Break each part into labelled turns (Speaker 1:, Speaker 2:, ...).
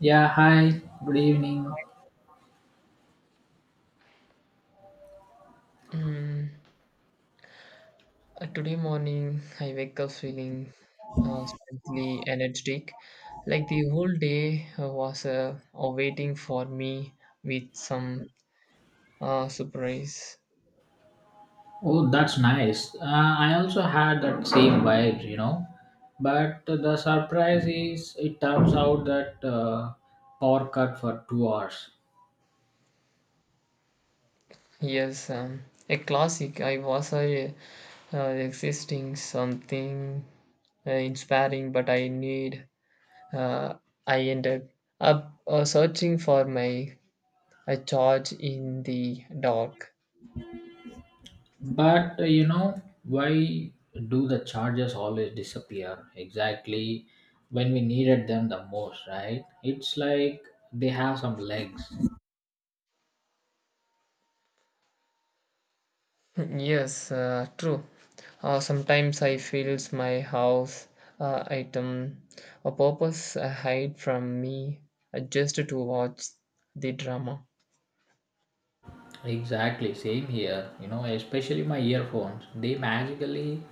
Speaker 1: Yeah, hi, good evening.
Speaker 2: Mm, today morning, I wake up feeling strangely energetic, like the whole day was awaiting for me with some surprise.
Speaker 1: Oh, that's nice. I also had that same vibe, you know. But the surprise is, it turns out that power cut for 2 hours.
Speaker 2: Yes, um, a classic. I was existing something inspiring, but I need. Uh, I ended up searching for my charge in the dark.
Speaker 1: But you know, why do the charges always disappear exactly when we needed them the most, right? It's like they have some legs.
Speaker 2: Yes, true. Sometimes I feels my house item a purpose hide from me just to watch the drama.
Speaker 1: Exactly, same here. You know, especially my earphones, they magically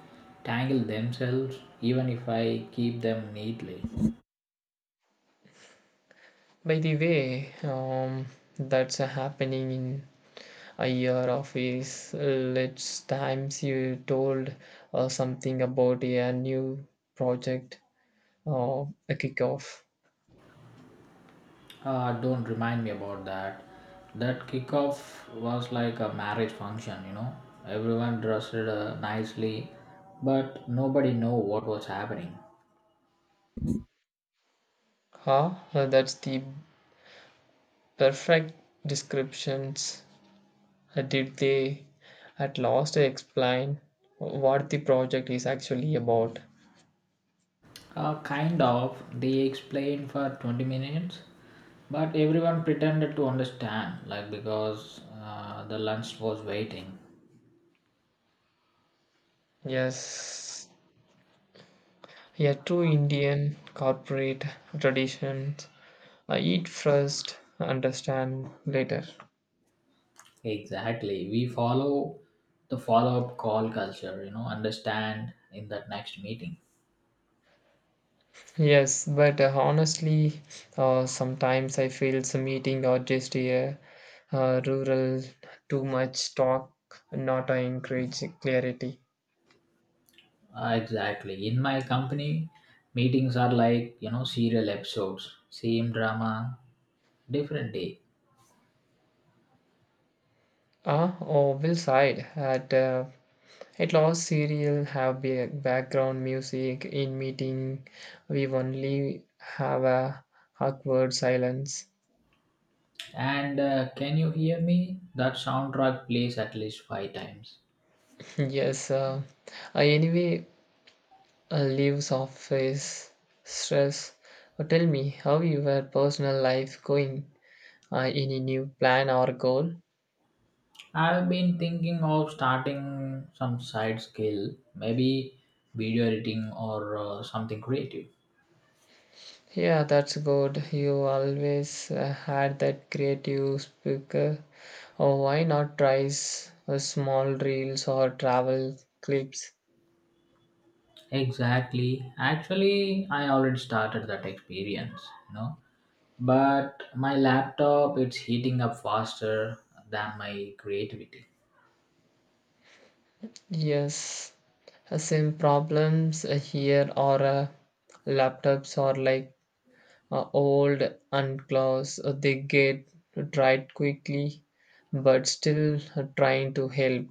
Speaker 1: tangle themselves even if I keep them neatly.
Speaker 2: By the way, that's happening in a year of is let's times you told something about a new project or a kickoff.
Speaker 1: Ah, don't remind me about that. That kickoff was like a marriage function, you know. Everyone dressed nicely, but nobody knew what was happening.
Speaker 2: Huh? That's the perfect descriptions. Did they at last explain what the project is actually about?
Speaker 1: Kind of, they explained for 20 minutes, but everyone pretended to understand, like because the lunch was waiting.
Speaker 2: Yes, a true Indian corporate tradition. Eat first, understand later.
Speaker 1: Exactly. We follow the follow up call culture, you know, understand in that next meeting.
Speaker 2: Yes, but honestly, sometimes I feel some meeting or just a rural too much talk, not encourage clarity.
Speaker 1: Exactly. In my company, meetings are like, you know, serial episodes, same drama, different day.
Speaker 2: Oh, Will sighed at at last, serial have background music in meeting. We only have a awkward silence.
Speaker 1: And can you hear me? That soundtrack plays at least five times.
Speaker 2: Yes, anyway, leaves off his stress. Tell me how your personal life going. Any new plan or goal?
Speaker 1: I've been thinking of starting some side skill, maybe video editing or something creative.
Speaker 2: Yeah, that's good. You always had that creative speaker. Oh, why not try small reels or travel clips?
Speaker 1: Exactly. Actually, I already started that experience, you know. But my laptop it's heating up faster than my creativity.
Speaker 2: Yes, same problems here or laptops are like old and close. They get dried quickly, but still trying to help.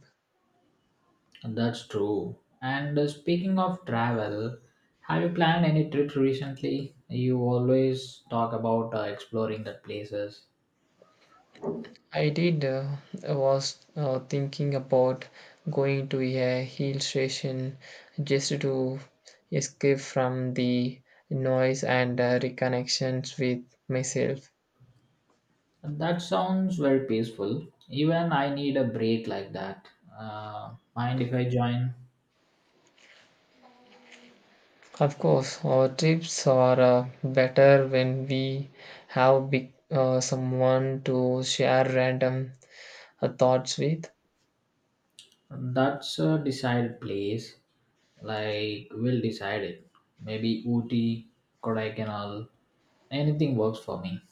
Speaker 1: That's true. And speaking of travel, have you planned any trips recently? You always talk about exploring the places.
Speaker 2: I did uh, I was thinking about going to a hill station just to escape from the noise and reconnections with myself.
Speaker 1: That sounds very peaceful. Even I need a break like that. Mind if I join?
Speaker 2: Of course, our trips are better when we have big, someone to share random thoughts with.
Speaker 1: That's a decide place. Like we'll decide it. Maybe Ooty, Kodaikanal, anything works for me.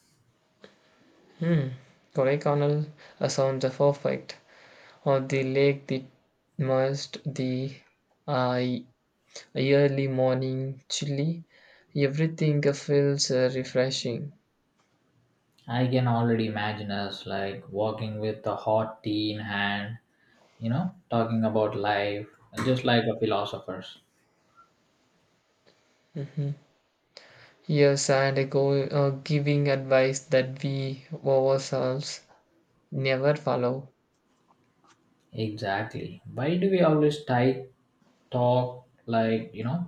Speaker 2: Hmm. Kodaikanal sounds are perfect. Or the lake, the mist, the uh, early morning chilly. Everything feels refreshing.
Speaker 1: I can already imagine us like walking with a hot tea in hand, you know, talking about life, just like a philosophers.
Speaker 2: Mhm. Yes, and giving advice that we ourselves never follow.
Speaker 1: Exactly. Why do we always type talk like you know,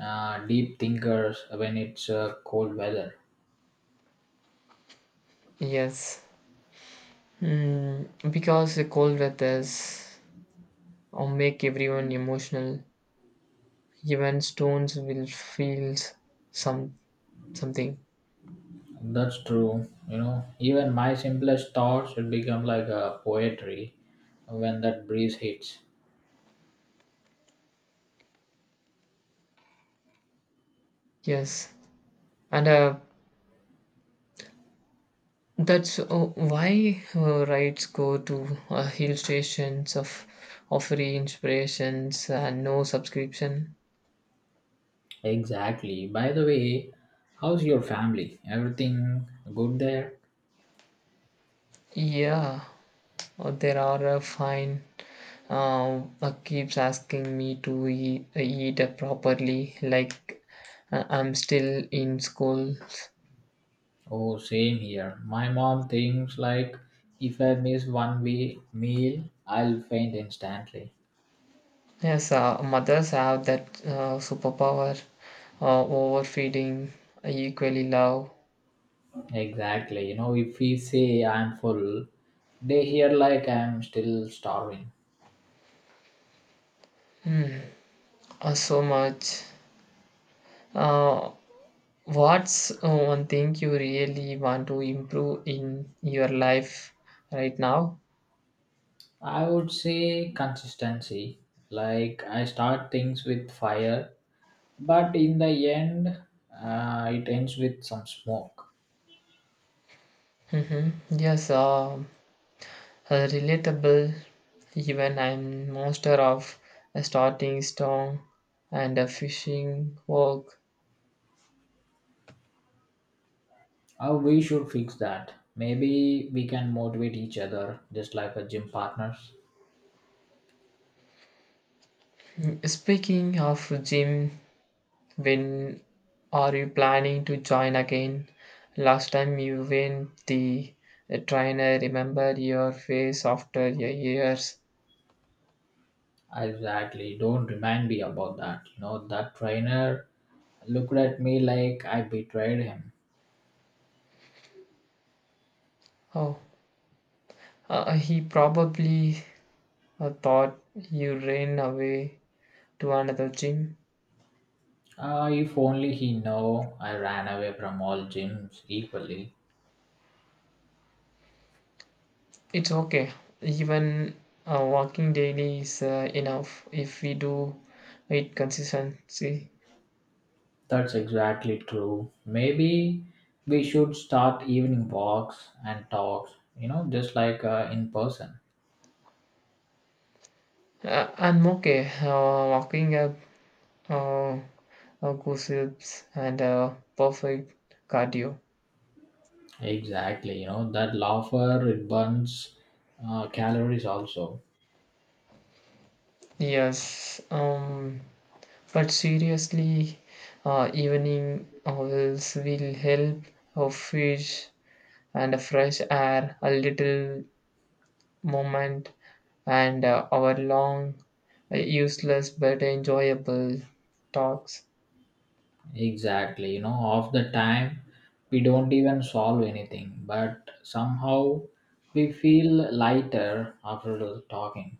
Speaker 1: uh, deep thinkers when it's cold weather?
Speaker 2: Yes. Because the cold weathers or make everyone emotional. Even stones will feel some something.
Speaker 1: That's true. You know, even my simplest thoughts will become like a poetry when that breeze hits.
Speaker 2: Yes, and that's why rides go to hill stations of free inspirations and no subscription.
Speaker 1: Exactly. By the way, how's your family? Everything good there?
Speaker 2: Yeah, there are a fine. Keeps asking me to eat, eat properly, like I'm still in school.
Speaker 1: Oh, same here. My mom thinks like if I miss one wee meal, I'll faint instantly.
Speaker 2: Yes, mothers have that superpower, overfeeding, equally love,
Speaker 1: Exactly. You know, if we say I'm full, they hear like I'm still starving.
Speaker 2: hmm, so much. Uh, what's one thing you really want to improve in your life right now?
Speaker 1: I would say consistency. Like I start things with fire but in the end it ends with some smoke.
Speaker 2: Yes, relatable, even I'm master of starting strong and fishing work.
Speaker 1: How we should fix that, maybe we can motivate each other just like a gym partners.
Speaker 2: Speaking of gym, when are you planning to join again? Last time you went the trainer, remember your face after your years.
Speaker 1: Exactly, don't remind me about that, you know, that trainer looked at me like I betrayed him.
Speaker 2: Oh, he probably thought you ran away to another gym.
Speaker 1: Ah, if only he know I ran away from all gyms equally.
Speaker 2: It's okay. Even walking daily is enough if we do it consistency.
Speaker 1: That's exactly true, maybe we should start evening walks and talks, you know, just like in person.
Speaker 2: I'm okay. Walking up. Uh, Gossips, and perfect cardio.
Speaker 1: Exactly, you know that laugher it burns calories also.
Speaker 2: Yes, but seriously, evening hours will help a fish and a fresh air, a little moment, and our long, useless but enjoyable talks.
Speaker 1: Exactly, you know of the time we don't even solve anything, but somehow we feel lighter after talking.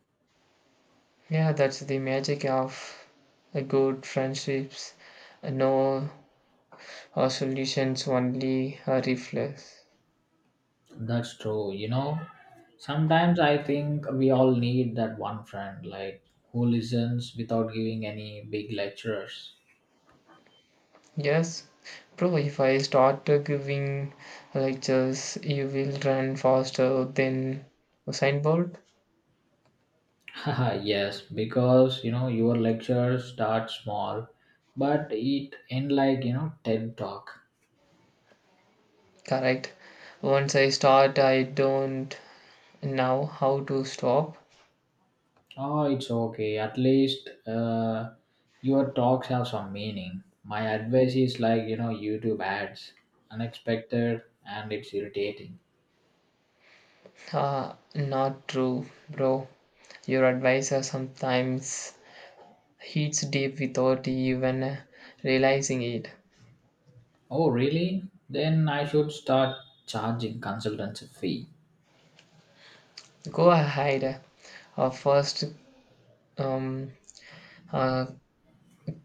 Speaker 2: Yeah, that's the magic of a good friendships. No solutions, only a reflex.
Speaker 1: That's true, you know. Sometimes I think we all need that one friend, like who listens without giving any big lectures.
Speaker 2: Yes, bro, if I start giving lectures, you will run faster than Usain Bolt.
Speaker 1: Yes, because you know your lecture starts small, but it end like you know TED talk.
Speaker 2: Correct. Once I start, I don't know how to stop.
Speaker 1: Oh, it's okay. At least your talks have some meaning. My advice is like you know YouTube ads, unexpected and it's irritating.
Speaker 2: Not true, bro. Your advisor sometimes hits deep without even realizing it.
Speaker 1: Oh, really? Then I should start charging consultancy fee.
Speaker 2: Go ahead. First, um, uh,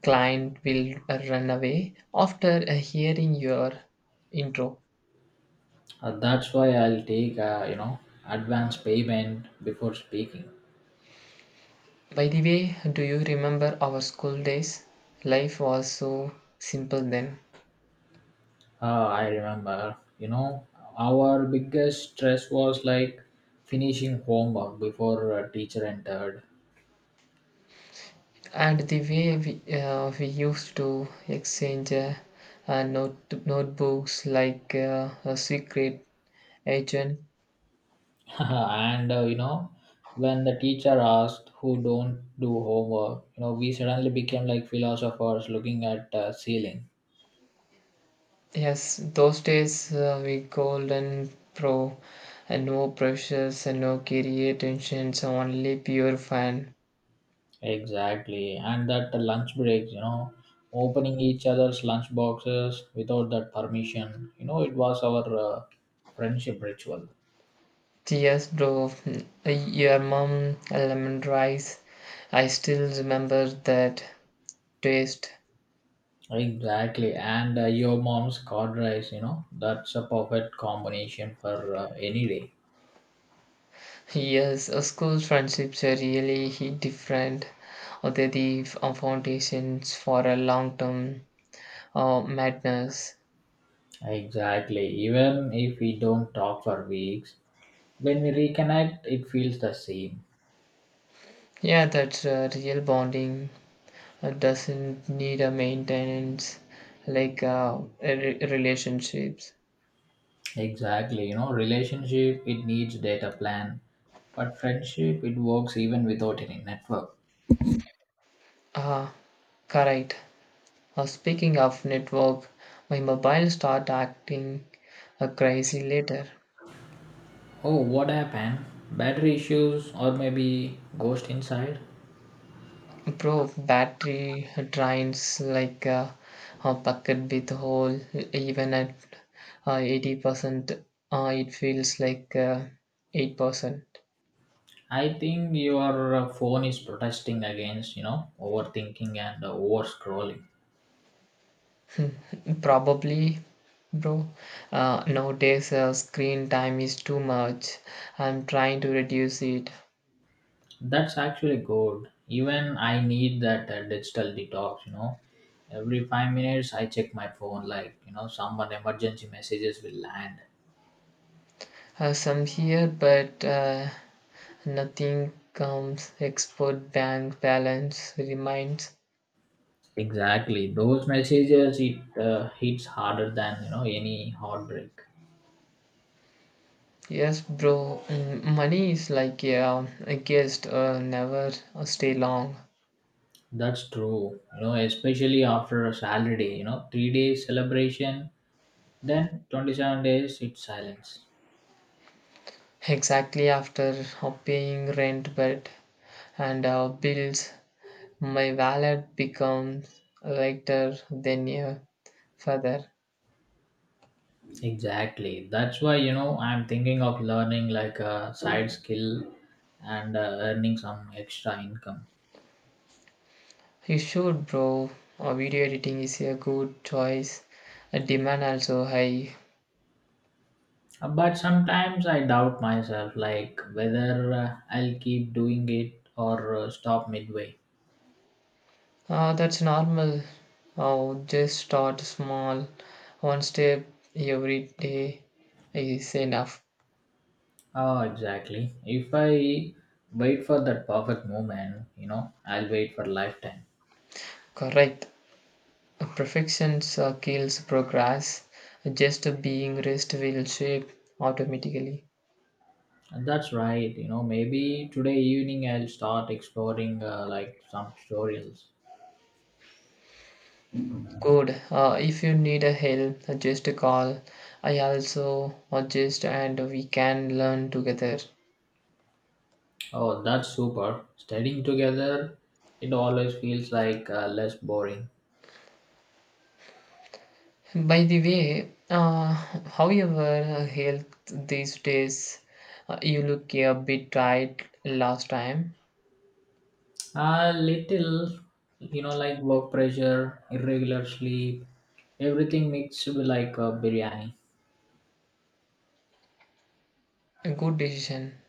Speaker 2: client will run away after hearing your intro.
Speaker 1: That's why I'll take advance payment before speaking.
Speaker 2: By the way, do you remember our school days? Life was so simple then.
Speaker 1: I remember, you know, our biggest stress was like finishing homework before a teacher entered.
Speaker 2: And the way we used to exchange notebooks like a secret agent.
Speaker 1: And you know, when the teacher asked who don't do homework, you know, we suddenly became like philosophers looking at ceiling.
Speaker 2: Yes, those days we golden pro and no pressures and no career tensions, only pure fun.
Speaker 1: Exactly. And that lunch breaks, you know, opening each other's lunch boxes without that permission. You know, it was our friendship ritual.
Speaker 2: Yes, bro. Your mom lemon rice. I still remember that taste.
Speaker 1: Exactly, and your mom's cod rice, you know, that's a perfect combination for any day.
Speaker 2: Yes, school friendships are really different. Or They're the foundations for a long-term madness.
Speaker 1: Exactly, even if we don't talk for weeks, when we reconnect, it feels the same.
Speaker 2: Yeah, that's real bonding. Doesn't need a maintenance like relationships.
Speaker 1: Exactly, you know, relationship it needs data plan, but friendship it works even without any network.
Speaker 2: Ah, correct. Speaking of network, my mobile start acting crazy later.
Speaker 1: Oh, what happened? Battery issues or maybe ghost inside?
Speaker 2: Bro, battery drains like a bucket with hole. Even at 80%, it feels like 8%.
Speaker 1: I think your phone is protesting against, you know, overthinking and over scrolling.
Speaker 2: Probably, bro. Nowadays, screen time is too much. I'm trying to reduce it.
Speaker 1: That's actually good. Even I need that digital detox, you know. Every 5 minutes, I check my phone, like, you know, someone emergency messages will land.
Speaker 2: Some here, but nothing comes expert bank balance remains.
Speaker 1: Exactly. Those messages, it hits harder than, you know, any heartbreak.
Speaker 2: Yes, bro, money is like a guest, never stay long.
Speaker 1: That's true. You know, especially after a salary day, you know, 3 days celebration, then 27 days, it's silence.
Speaker 2: Exactly after paying rent, but and bills, my wallet becomes lighter than a feather.
Speaker 1: Exactly. That's why, you know, I'm thinking of learning like a side skill and earning some extra income.
Speaker 2: You should, bro. Video editing is a good choice. Demand also high.
Speaker 1: But sometimes I doubt myself, like whether I'll keep doing it or stop midway.
Speaker 2: That's normal. Oh, just start small. One step every day is enough.
Speaker 1: Oh, exactly. If I wait for that perfect moment, you know, I'll wait for lifetime.
Speaker 2: Correct. Perfection kills progress. Just being rest will shape automatically.
Speaker 1: And that's right. You know, maybe today evening I'll start exploring like some tutorials.
Speaker 2: Good. If you need a help, just call. I also adjust and we can learn together.
Speaker 1: Oh, that's super. Studying together, it always feels like less boring.
Speaker 2: By the way, however, health these days, you look a bit tired last time.
Speaker 1: A little, you know, like work pressure, irregular sleep, everything mixed with like a biryani.
Speaker 2: A good decision.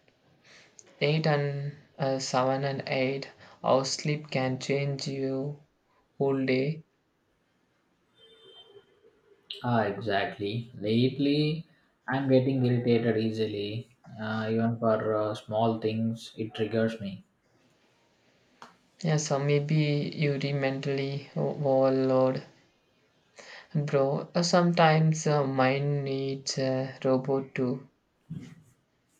Speaker 2: 8 and 7 and 8, our sleep can change you whole day.
Speaker 1: Ah, exactly. Lately, I'm getting irritated easily. Even for small things, it triggers me.
Speaker 2: Yeah, so maybe you re mentally overload. Bro, sometimes mind needs a robot too.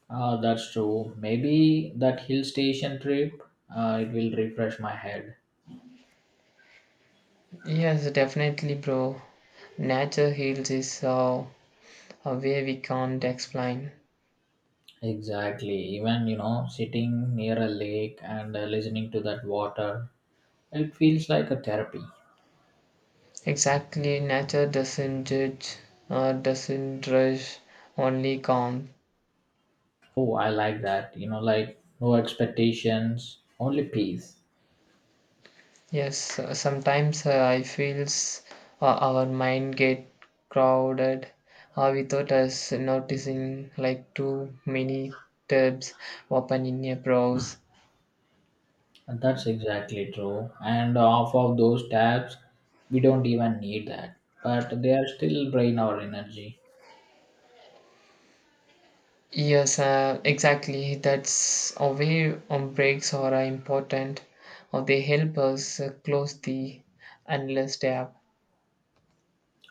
Speaker 1: Ah, that's true. Maybe that hill station trip, it will refresh my head.
Speaker 2: Yes, definitely, bro. Nature heals is a way we can't explain.
Speaker 1: Exactly. Even, you know, sitting near a lake and listening to that water, it feels like a therapy.
Speaker 2: Exactly, nature doesn't judge, doesn't rush, only calm.
Speaker 1: Oh, I like that. You know, like no expectations, only peace.
Speaker 2: Yes, sometimes I feels our mind get crowded without us noticing, like too many tabs open in your browse.
Speaker 1: And that's exactly true. And off of those tabs, we don't even need that. But they are still drain our energy.
Speaker 2: Yes, exactly. That's a way breaks are important, or they help us close the endless tab.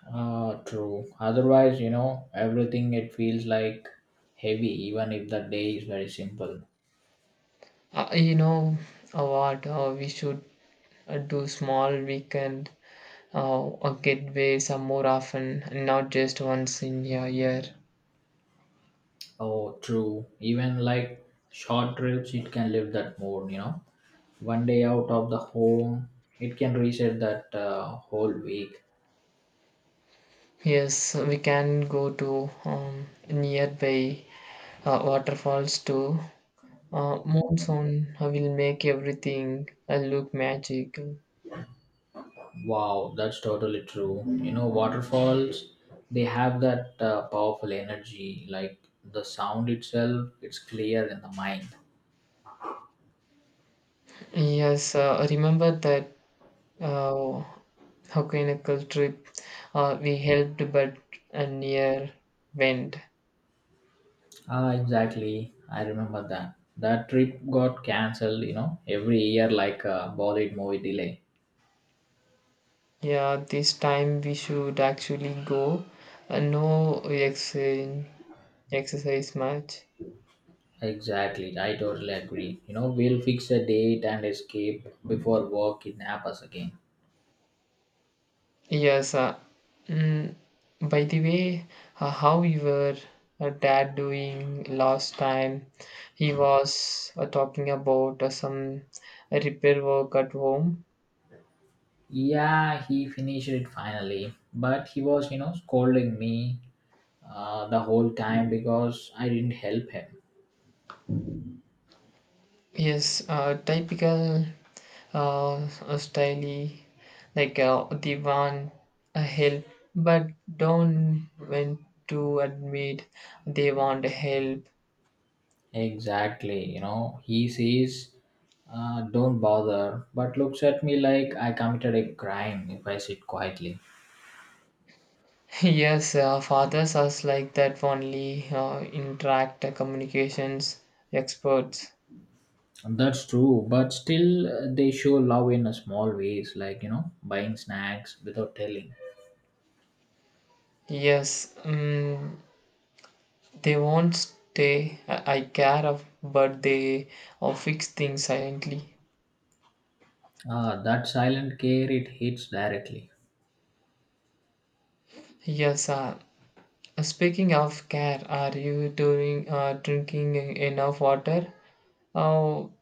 Speaker 1: Ah, true. Otherwise, you know, everything it feels like heavy, even if the day is very simple.
Speaker 2: You know what? We should do small weekend or getaways are more often, not just once in a year.
Speaker 1: Oh, true. Even like short trips, it can lift that mood, you know. One day out of the home, it can reset that whole week.
Speaker 2: Yes, we can go to nearby waterfalls too. Monsoon will make everything look magical.
Speaker 1: Wow, that's totally true. You know, waterfalls, they have that powerful energy. Like the sound itself, it's clear in the mind.
Speaker 2: Yes, remember that uh, Hokkaido trip we helped but a near wind.
Speaker 1: Ah, exactly. I remember that. That trip got cancelled, you know, every year like a Bollywood movie delay.
Speaker 2: Yeah, this time we should actually go. No ex exercise match.
Speaker 1: Exactly, I totally agree. You know, we'll fix a date and escape before work kidnap us again.
Speaker 2: Yes. mm, by the way, how you were dad doing last time? He was talking about some repair work at home.
Speaker 1: Yeah, he finished it finally, but he was, you know, scolding me the whole time because I didn't help him.
Speaker 2: Yes, typical uh, style like the one a hill but don't want to admit they want help.
Speaker 1: Exactly, you know, he says, don't bother, but looks at me like I committed a crime if I sit quietly.
Speaker 2: Yes, fathers are like that only interact communications experts.
Speaker 1: That's true, but still, they show love in a small ways, like, you know, buying snacks without telling.
Speaker 2: Yes, they won't stay I care of but they fix things silently.
Speaker 1: Ah, that silent care it hits directly.
Speaker 2: Yes, speaking of care, are you doing drinking enough water? Oh,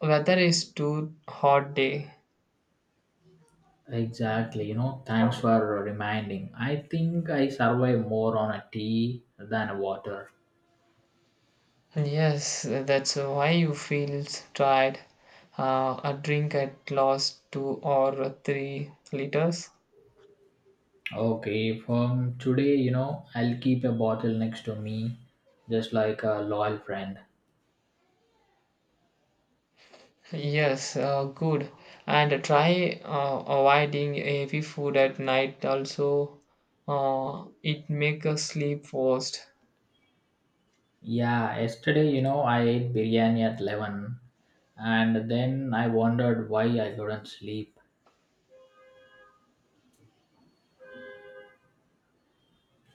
Speaker 2: weather is too hot day.
Speaker 1: Exactly, you know, thanks for reminding. I think I survive more on a tea than a water.
Speaker 2: Yes, that's why you feel tired. A drink at least 2 or 3 liters.
Speaker 1: Okay, from today, you know, I'll keep a bottle next to me, just like a loyal friend.
Speaker 2: Yes, good. And try avoiding heavy food at night. Also, it make us sleep worst.
Speaker 1: Yeah, yesterday, you know, I ate biryani at 11 and then I wondered why I couldn't sleep.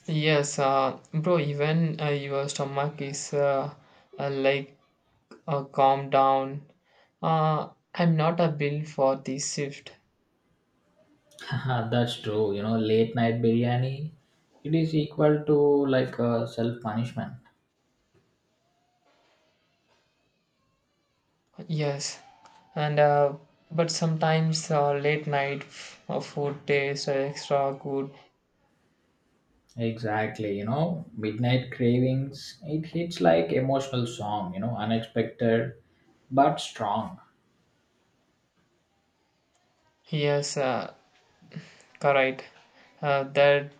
Speaker 2: Yes, bro. Even your stomach is like calm down. Uh, I'm not a bill for this shift.
Speaker 1: That's true, you know, late night biryani, it is equal to like a self punishment.
Speaker 2: Yes, and but sometimes late night food tastes extra good.
Speaker 1: Exactly, you know, Midnight Cravings, it hits like emotional song, you know, unexpected but strong.
Speaker 2: Yes, correct. That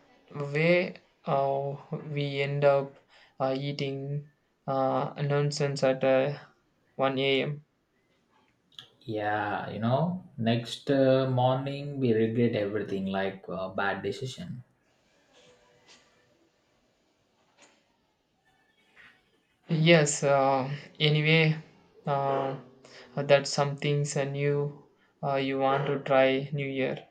Speaker 2: way uh, we end up eating nonsense at 1 a.m.
Speaker 1: Yeah, you know, next morning we regret everything like bad decision.
Speaker 2: Yes, anyway, uh, that's something's new you want to try new year.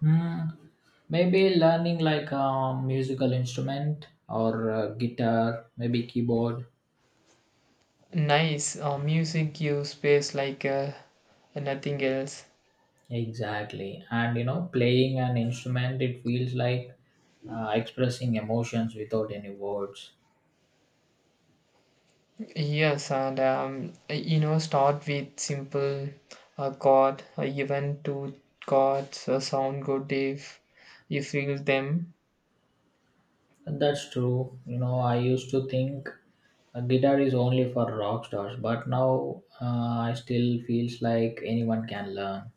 Speaker 1: Hmm, maybe learning like a musical instrument or guitar, maybe keyboard.
Speaker 2: Nice. Music gives space like nothing else.
Speaker 1: Exactly. And you know, playing an instrument, it feels like expressing emotions without any words.
Speaker 2: Yes, and you know, start with simple chord. Even two chords sound good if you feel them.
Speaker 1: That's true. You know, I used to think a guitar is only for rock stars, but now I still feels like anyone can learn.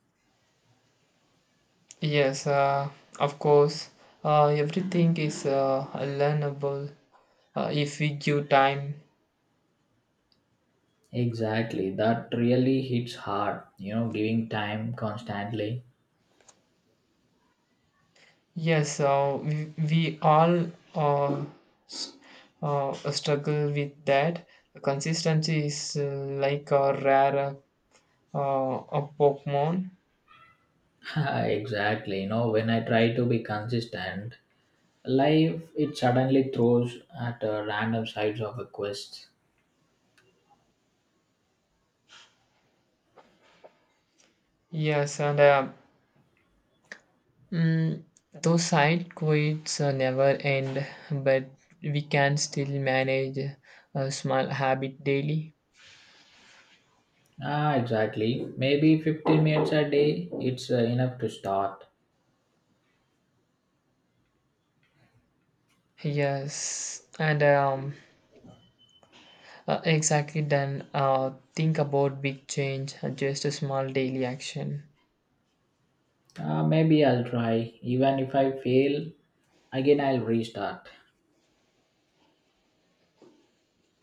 Speaker 2: Yes, of course. Everything is learnable if we give time.
Speaker 1: Exactly. That really hits hard, you know, giving time constantly.
Speaker 2: Yes, we all uh, s- struggle with that. Consistency is like a rare a Pokemon.
Speaker 1: Exactly. You know, when I try to be consistent, life it suddenly throws at random sides of a quest.
Speaker 2: Yes, and mm, those side quests never end, but we can still manage a small habit daily.
Speaker 1: Ah, exactly. Maybe 15 minutes a day, it's enough to start.
Speaker 2: Yes, and exactly then think about big change, just a small daily action.
Speaker 1: Maybe I'll try. Even if I fail, again, I'll restart.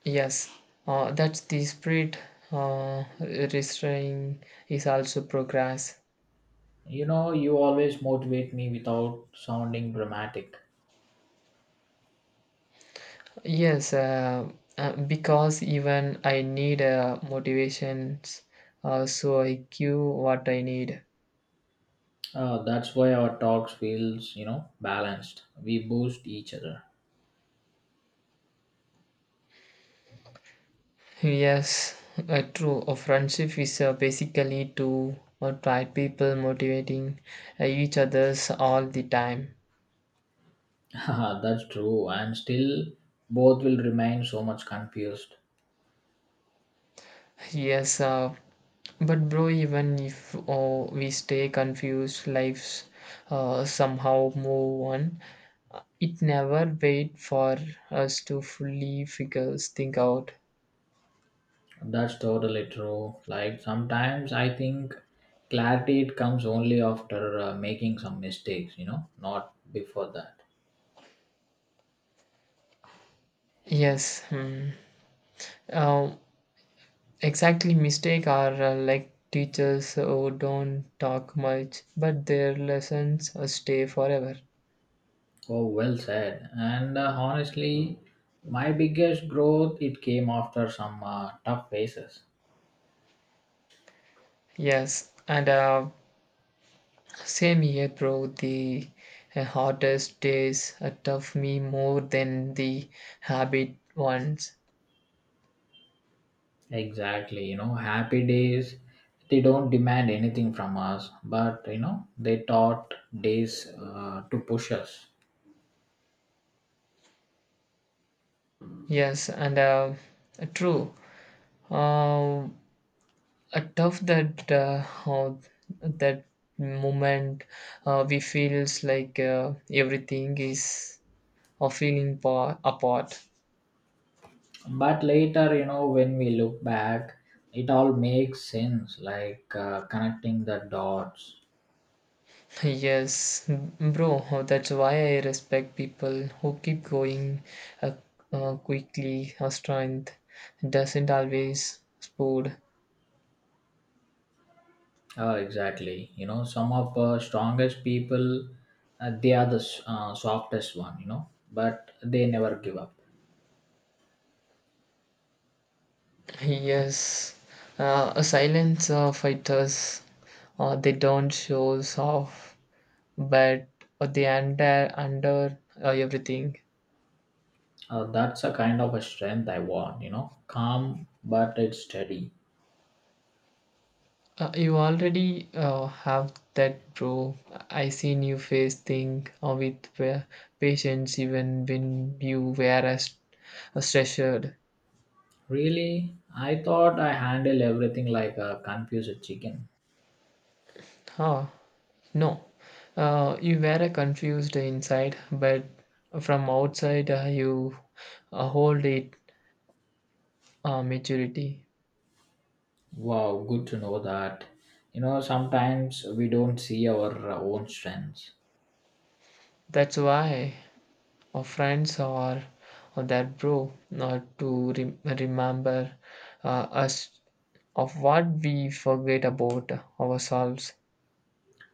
Speaker 2: Yes, that's the spirit. Restrain is also progress.
Speaker 1: You know, you always motivate me without sounding dramatic.
Speaker 2: Yes, because even I need motivations, so I give what I need.
Speaker 1: That's why our talks feels, you know, balanced. We boost each other.
Speaker 2: Yes, true. A friendship is basically to try people motivating each others all the time.
Speaker 1: Haha, that's true. And still, both will remain so much confused.
Speaker 2: Yes, but bro, even if we stay confused, lives somehow move on. It never wait for us to fully figure things out.
Speaker 1: That's totally true. Like sometimes I think clarity it comes only after making some mistakes. You know, not before that.
Speaker 2: Yes, Um, exactly. Mistake are like teachers who don't talk much, but their lessons stay forever.
Speaker 1: Oh, well said. And honestly, my biggest growth it came after some tough phases.
Speaker 2: Yes, and same here, bro. The hardest days tough me more than the habit ones.
Speaker 1: Exactly, you know, happy days they don't demand anything from us, but you know they taught days to push us.
Speaker 2: Yes, and true. Uh, Tough that how that moment we feels like everything is apart.
Speaker 1: But later, you know, when we look back, it all makes sense, like connecting the dots.
Speaker 2: Yes, bro, that's why I respect people who keep going uh, quickly. Our strength doesn't always spood.
Speaker 1: Exactly. You know, some of strongest people, they are the softest one. You know, but they never give up.
Speaker 2: Yes, silence fighters, they don't show off but the entire under everything.
Speaker 1: That's a kind of a strength I want. You know, calm but it's steady.
Speaker 2: You already have that bro. I seen you face thing with patience even when you were as a stressed.
Speaker 1: Really, I thought I handle everything like a confused chicken.
Speaker 2: Huh? No, you were confused inside but from outside you hold it maturity.
Speaker 1: Wow, good to know that. You know, sometimes we don't see our own strengths.
Speaker 2: That's why or friends or, or their bro to remember us of what we forget about ourselves.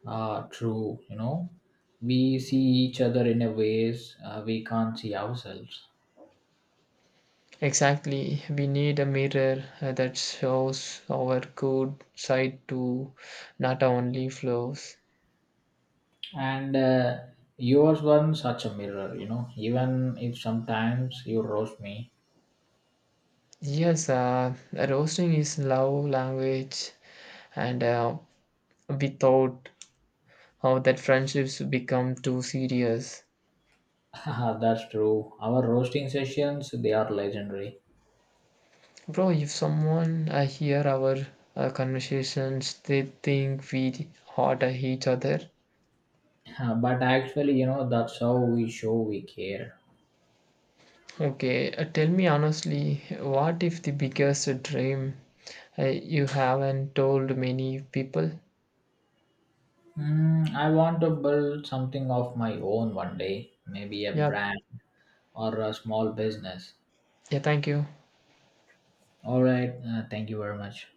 Speaker 1: Ah, true. You know, we see each other in a ways we can't see ourselves.
Speaker 2: Exactly, we need a mirror that shows our good side to not only flaws.
Speaker 1: And you was one such a mirror, you know, even if sometimes you roast me.
Speaker 2: Yes, roasting is love language, and without how that friendships become too serious.
Speaker 1: That's true, our roasting sessions they are legendary.
Speaker 2: Bro, if someone hear our conversations, they think we hot at each other.
Speaker 1: But actually you know that's how we show we care.
Speaker 2: Okay, tell me honestly, what if the biggest dream you haven't told many people?
Speaker 1: Hmm, I want to build something of my own one day, maybe a
Speaker 2: Yeah,
Speaker 1: brand or a small business.
Speaker 2: yeah, thank you.
Speaker 1: All right, thank you very much.